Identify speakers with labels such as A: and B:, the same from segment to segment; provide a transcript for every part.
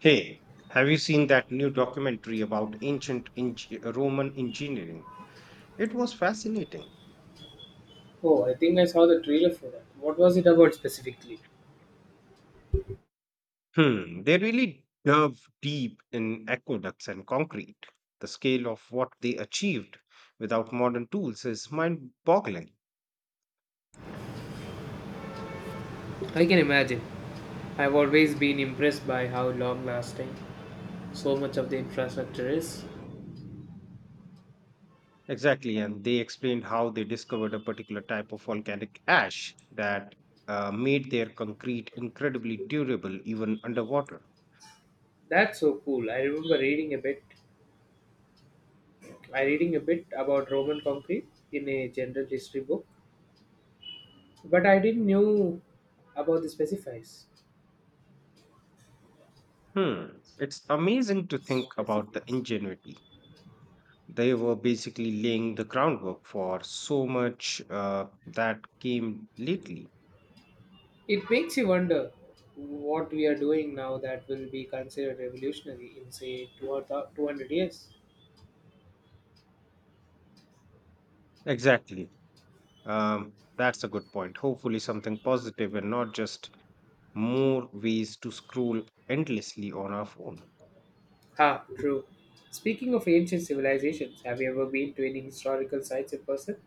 A: Hey, have you seen that new documentary about Roman engineering? It was fascinating.
B: Oh, I think I saw the trailer for that. What was it about specifically?
A: They really dove deep in aqueducts and concrete. The scale of what they achieved without modern tools is mind boggling.
B: I can imagine. I've always been impressed by how long lasting so much of the infrastructure is.
A: Exactly, and they explained how they discovered a particular type of volcanic ash that made their concrete incredibly durable even underwater.
B: That's so cool. I remember reading a bit about Roman concrete in a general history book, but I didn't know about the specifies
A: Hmm, it's amazing to think about the
B: specifics.
A: ingenuity. They were basically laying the groundwork for so much that came lately.
B: It makes you wonder what we are doing now that will be considered revolutionary in say 200 years.
A: Exactly. That's a good point. Hopefully, something positive and not just more ways to scroll endlessly on our phone.
B: Ha, true. Speaking of ancient civilizations, have you ever been to any historical sites in person?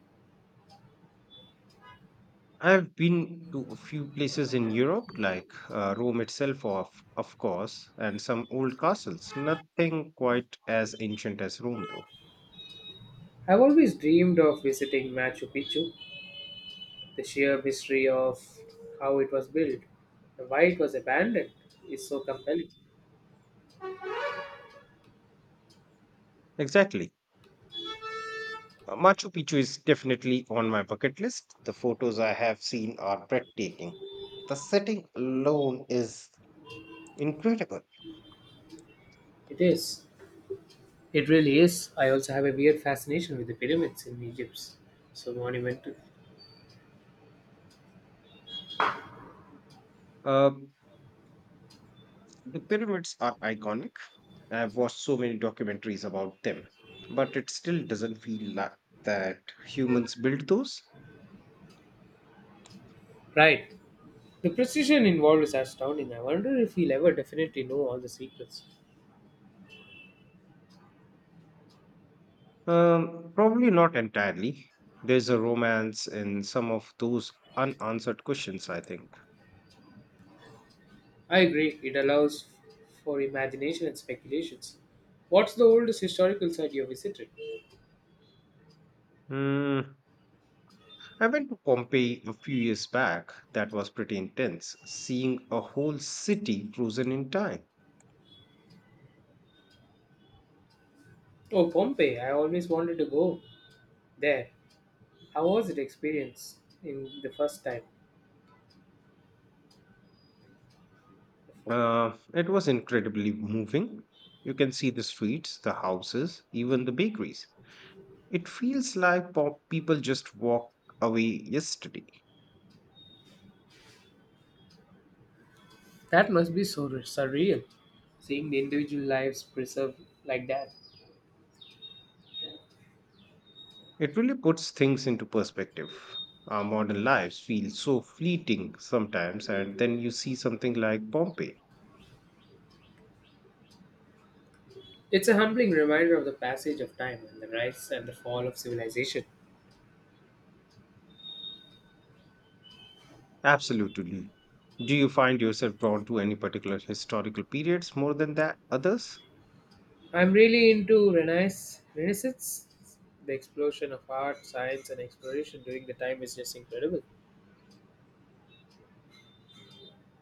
A: I've been to a few places in Europe, like Rome itself, of course, and some old castles. Nothing quite as ancient as Rome, though.
B: I've always dreamed of visiting Machu Picchu, the sheer mystery of how it was built and why it was abandoned is so compelling.
A: Exactly. Machu Picchu is definitely on my bucket list. The photos I have seen are breathtaking. The setting alone is incredible.
B: It is. It really is. I also have a weird fascination with the pyramids in Egypt. So monumental.
A: Uh, The pyramids are iconic. I've watched so many documentaries about them, but it still doesn't feel like that humans built those.
B: Right. The precision involved is astounding. I wonder if we'll ever definitely know all the secrets.
A: Probably not entirely. There's a romance in some of those unanswered questions, I think.
B: I agree, it allows for imagination and speculations. What's the oldest historical site you visited?
A: Hmm. I went to Pompeii a few years back. That was pretty intense, seeing a whole city frozen in time.
B: Oh, Pompeii, I always wanted to go there. How was it experience in the first time?
A: It was incredibly moving. You can see the streets, the houses, even the bakeries. It feels like pop people just walk away yesterday.
B: That must be so surreal, seeing the individual lives preserved like that.
A: It really puts things into perspective. Our modern lives feel so fleeting sometimes, and then you see something like Pompeii.
B: It's a humbling reminder of the passage of time and the rise and the fall of civilization.
A: Absolutely. Do you find yourself drawn to any particular historical periods more than that others?
B: I'm really into Renaissance. The explosion of art, science, and exploration during the time is just incredible.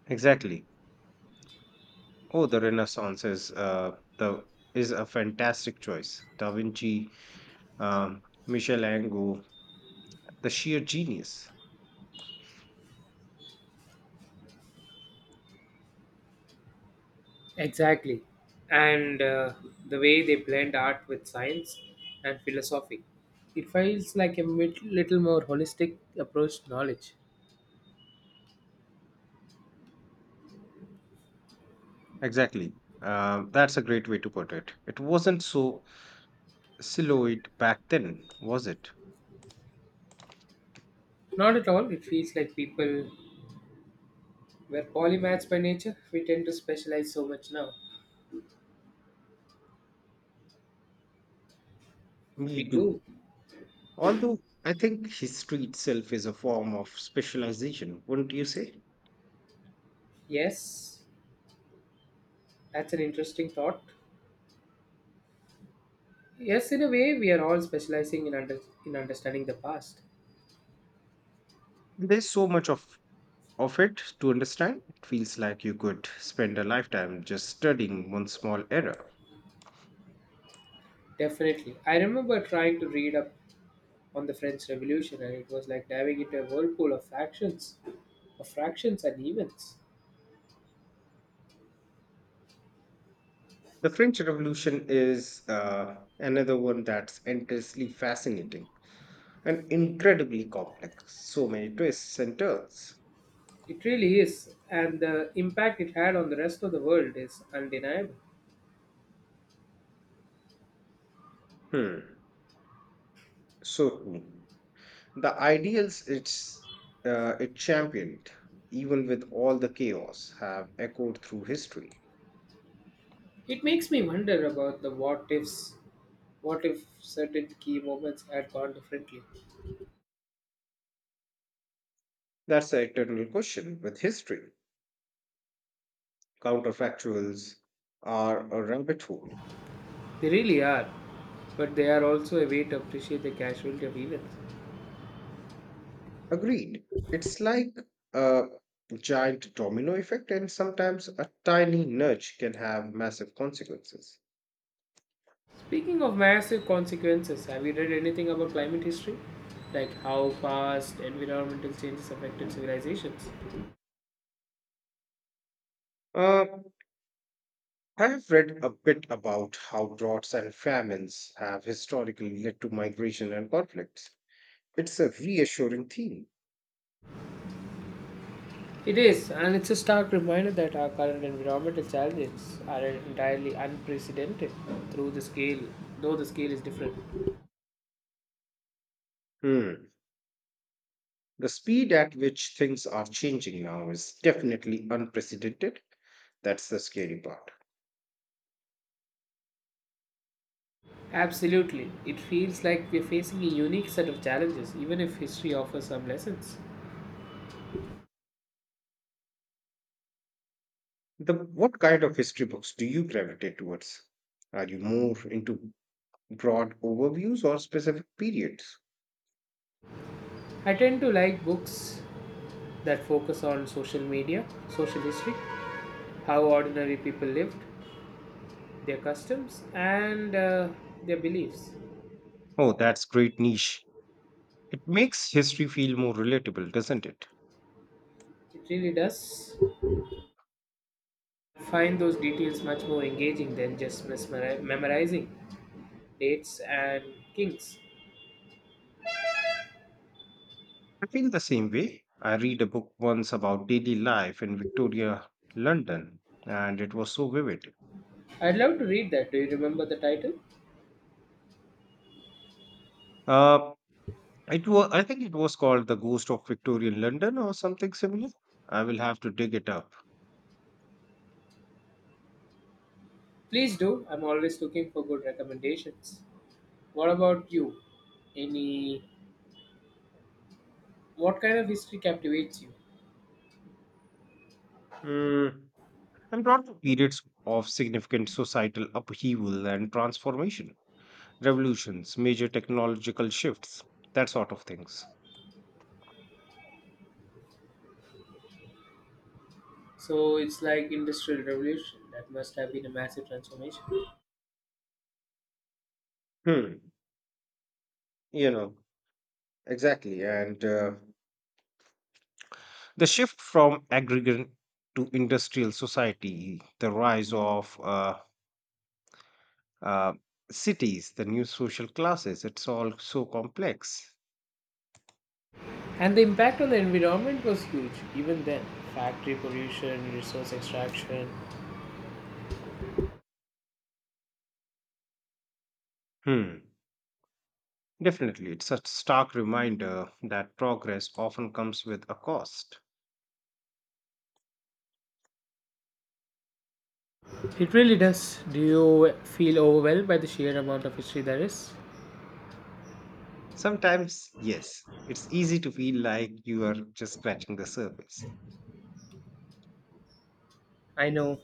A: Exactly. Oh, the Renaissance is the is a fantastic choice. Da Vinci, Michelangelo, the sheer genius.
B: Exactly. And the way they blend art with science and philosophy. It feels like a little more holistic approach to knowledge.
A: Exactly. That's a great way to put it. It wasn't so siloed back then, was it?
B: Not at all, it feels like people were polymaths by nature. We tend to specialize so much now. We
A: Me
B: do.
A: too. Although I think history itself is a form of specialization, wouldn't you say?
B: Yes, that's an interesting thought. Yes, in a way, we are all specializing in understanding the past.
A: There's so much of it to understand. It feels like you could spend a lifetime just studying one small era.
B: Definitely. I remember trying to read up on the French Revolution, and it was like diving into a whirlpool of fractions and events.
A: The French Revolution is another one that's endlessly fascinating and incredibly complex. So many twists and turns.
B: It really is, and the impact it had on the rest of the world is undeniable.
A: Hmm. So true. The ideals it championed, even with all the chaos, have echoed through history.
B: It makes me wonder about the what ifs. What if certain key moments had gone differently?
A: That's the eternal question with history. Counterfactuals are a rabbit hole.
B: They really are, but they are also a way to appreciate the casualty of events.
A: Agreed. It's like a giant domino effect, and sometimes a tiny nudge can have massive consequences.
B: Speaking of massive consequences, have you read anything about climate history? Like how past environmental changes affected civilizations?
A: Uh, I have read a bit about how droughts and famines have historically led to migration and conflicts. It's a reassuring theme.
B: It is, and it's a stark reminder that our current environmental challenges are entirely unprecedented through the scale, though the scale is different.
A: Hmm. The speed at which things are changing now is definitely unprecedented. That's the scary part.
B: Absolutely, it feels like we're facing a unique set of challenges, even if history offers some lessons.
A: The what kind of history books do you gravitate towards? Are you more into broad overviews or specific periods?
B: I tend to like books that focus on social history, how ordinary people lived, their customs, and their beliefs.
A: Oh, that's great niche. It makes history feel more relatable, doesn't it?
B: It really does find those details much more engaging than just memorizing dates and kings.
A: I feel the same way. I read a book once about daily life in Victoria, London, and it was so vivid.
B: I'd love to read that. Do you remember the title?
A: Uh, I think it was called The Ghost of Victorian London or something similar. I will have to dig it up.
B: Please do. I'm always looking for good recommendations. What about you? Any what kind of history captivates you?
A: Hmm. And brought periods of significant societal upheaval and transformation, revolutions, major technological shifts, that sort of things.
B: So it's like industrial revolution that must have been a massive transformation.
A: Hmm. You know, exactly. And The shift from agrarian to industrial society, the rise of uh, cities, the new social classes, it's all so complex.
B: And the impact on the environment was huge even then. Factory pollution, resource extraction.
A: Hmm. Definitely, it's a stark reminder that progress often comes with a cost.
B: It really does. Do you feel overwhelmed by the sheer amount of history there is?
A: Sometimes, yes, it's easy to feel like you are just scratching the surface.
B: I know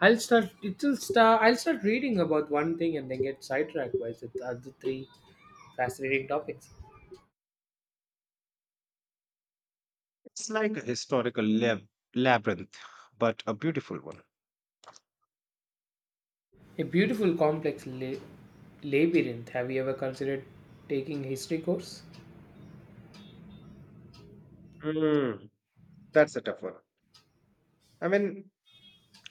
B: I'll start. It'll start. I'll start reading about one thing and then get sidetracked by the other three fascinating topics.
A: It's like a labyrinth, but a beautiful one.
B: A beautiful, complex labyrinth. Have you ever considered taking a history course?
A: Hmm. That's a tough one. I mean,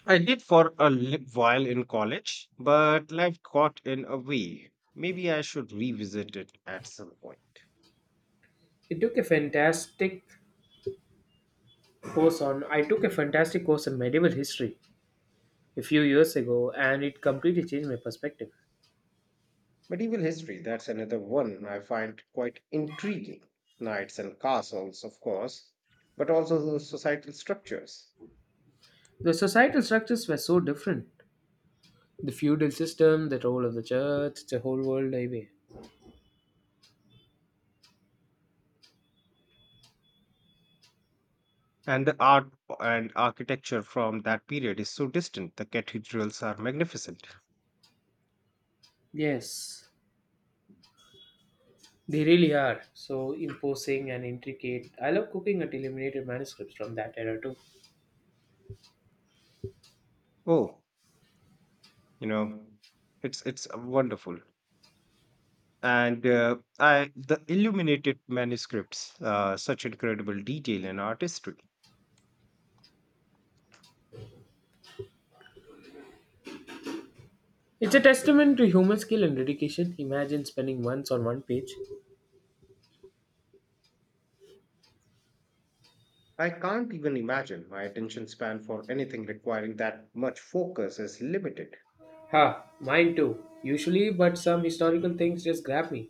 A: I did for a while in college, but life got in a way. Maybe I should revisit it at some point.
B: It took a fantastic course on. I took a fantastic course on medieval history a few years ago, and it completely changed my perspective.
A: Medieval history, that's another one I find quite intriguing. Knights and castles, of course, but also the societal structures.
B: The societal structures were so different. The feudal system, the role of the church, the whole world away.
A: And the art and architecture from that period is so distant. The cathedrals are magnificent.
B: Yes, they really are so imposing and intricate. I love cooking at illuminated manuscripts from that era too.
A: Oh, you know, it's wonderful. And I the illuminated manuscripts, such incredible detail and artistry.
B: It's a testament to human skill and dedication. Imagine spending months on one page.
A: I can't even imagine my attention span for anything requiring that much focus is limited.
B: Ha, mine too. Usually, but some historical things just grab me.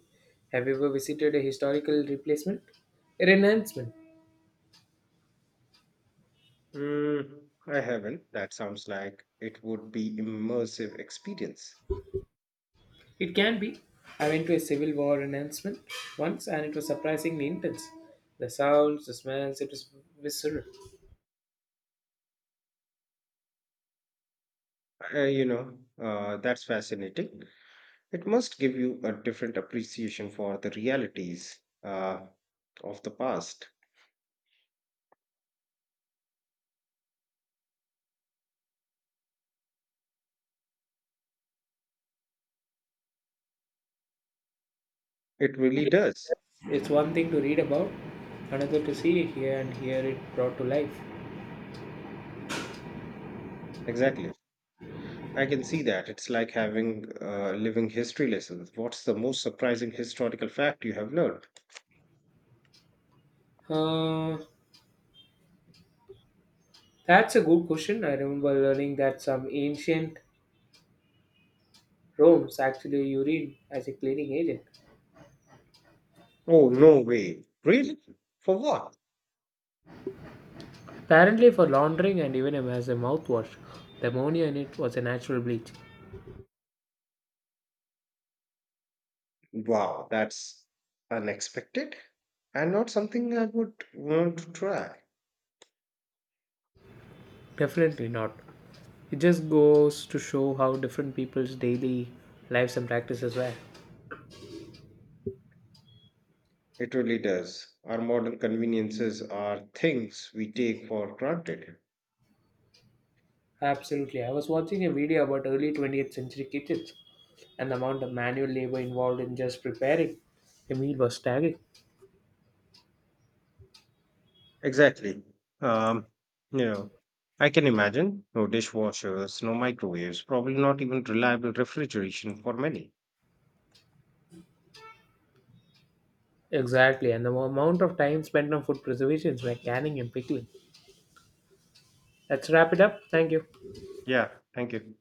B: Have you ever visited a historical replacement? A renouncement.
A: Mm, I haven't. That sounds like it would be immersive experience.
B: It can be. I went to a Civil War renouncement once, and it was surprisingly intense. The sounds, the smells, it was visceral.
A: That's fascinating. It must give you a different appreciation for the realities of the past. It really does.
B: It's one thing to read about, another to see, hear, and hear it brought to life.
A: Exactly. I can see that. It's like having living history lessons. What's the most surprising historical fact you have learned?
B: Uh, that's a good question. I remember learning that some ancient Rome's actually urine as a cleaning agent.
A: Oh, no way. Really? For what?
B: Apparently, for laundering and even as a mouthwash, the ammonia in it was a natural bleach.
A: Wow, that's unexpected and not something I would want to try.
B: Definitely not. It just goes to show how different people's daily lives and practices were.
A: It really does. Our modern conveniences are things we take for granted.
B: Absolutely. I was watching a video about early 20th century kitchens, and the amount of manual labor involved in just preparing a meal was staggering.
A: Exactly. Um, you know, I can imagine no dishwashers, no microwaves, probably not even reliable refrigeration for many.
B: Exactly, and the amount of time spent on food preservations like canning and pickling. Let's wrap it up. Thank you.
A: Yeah, thank you.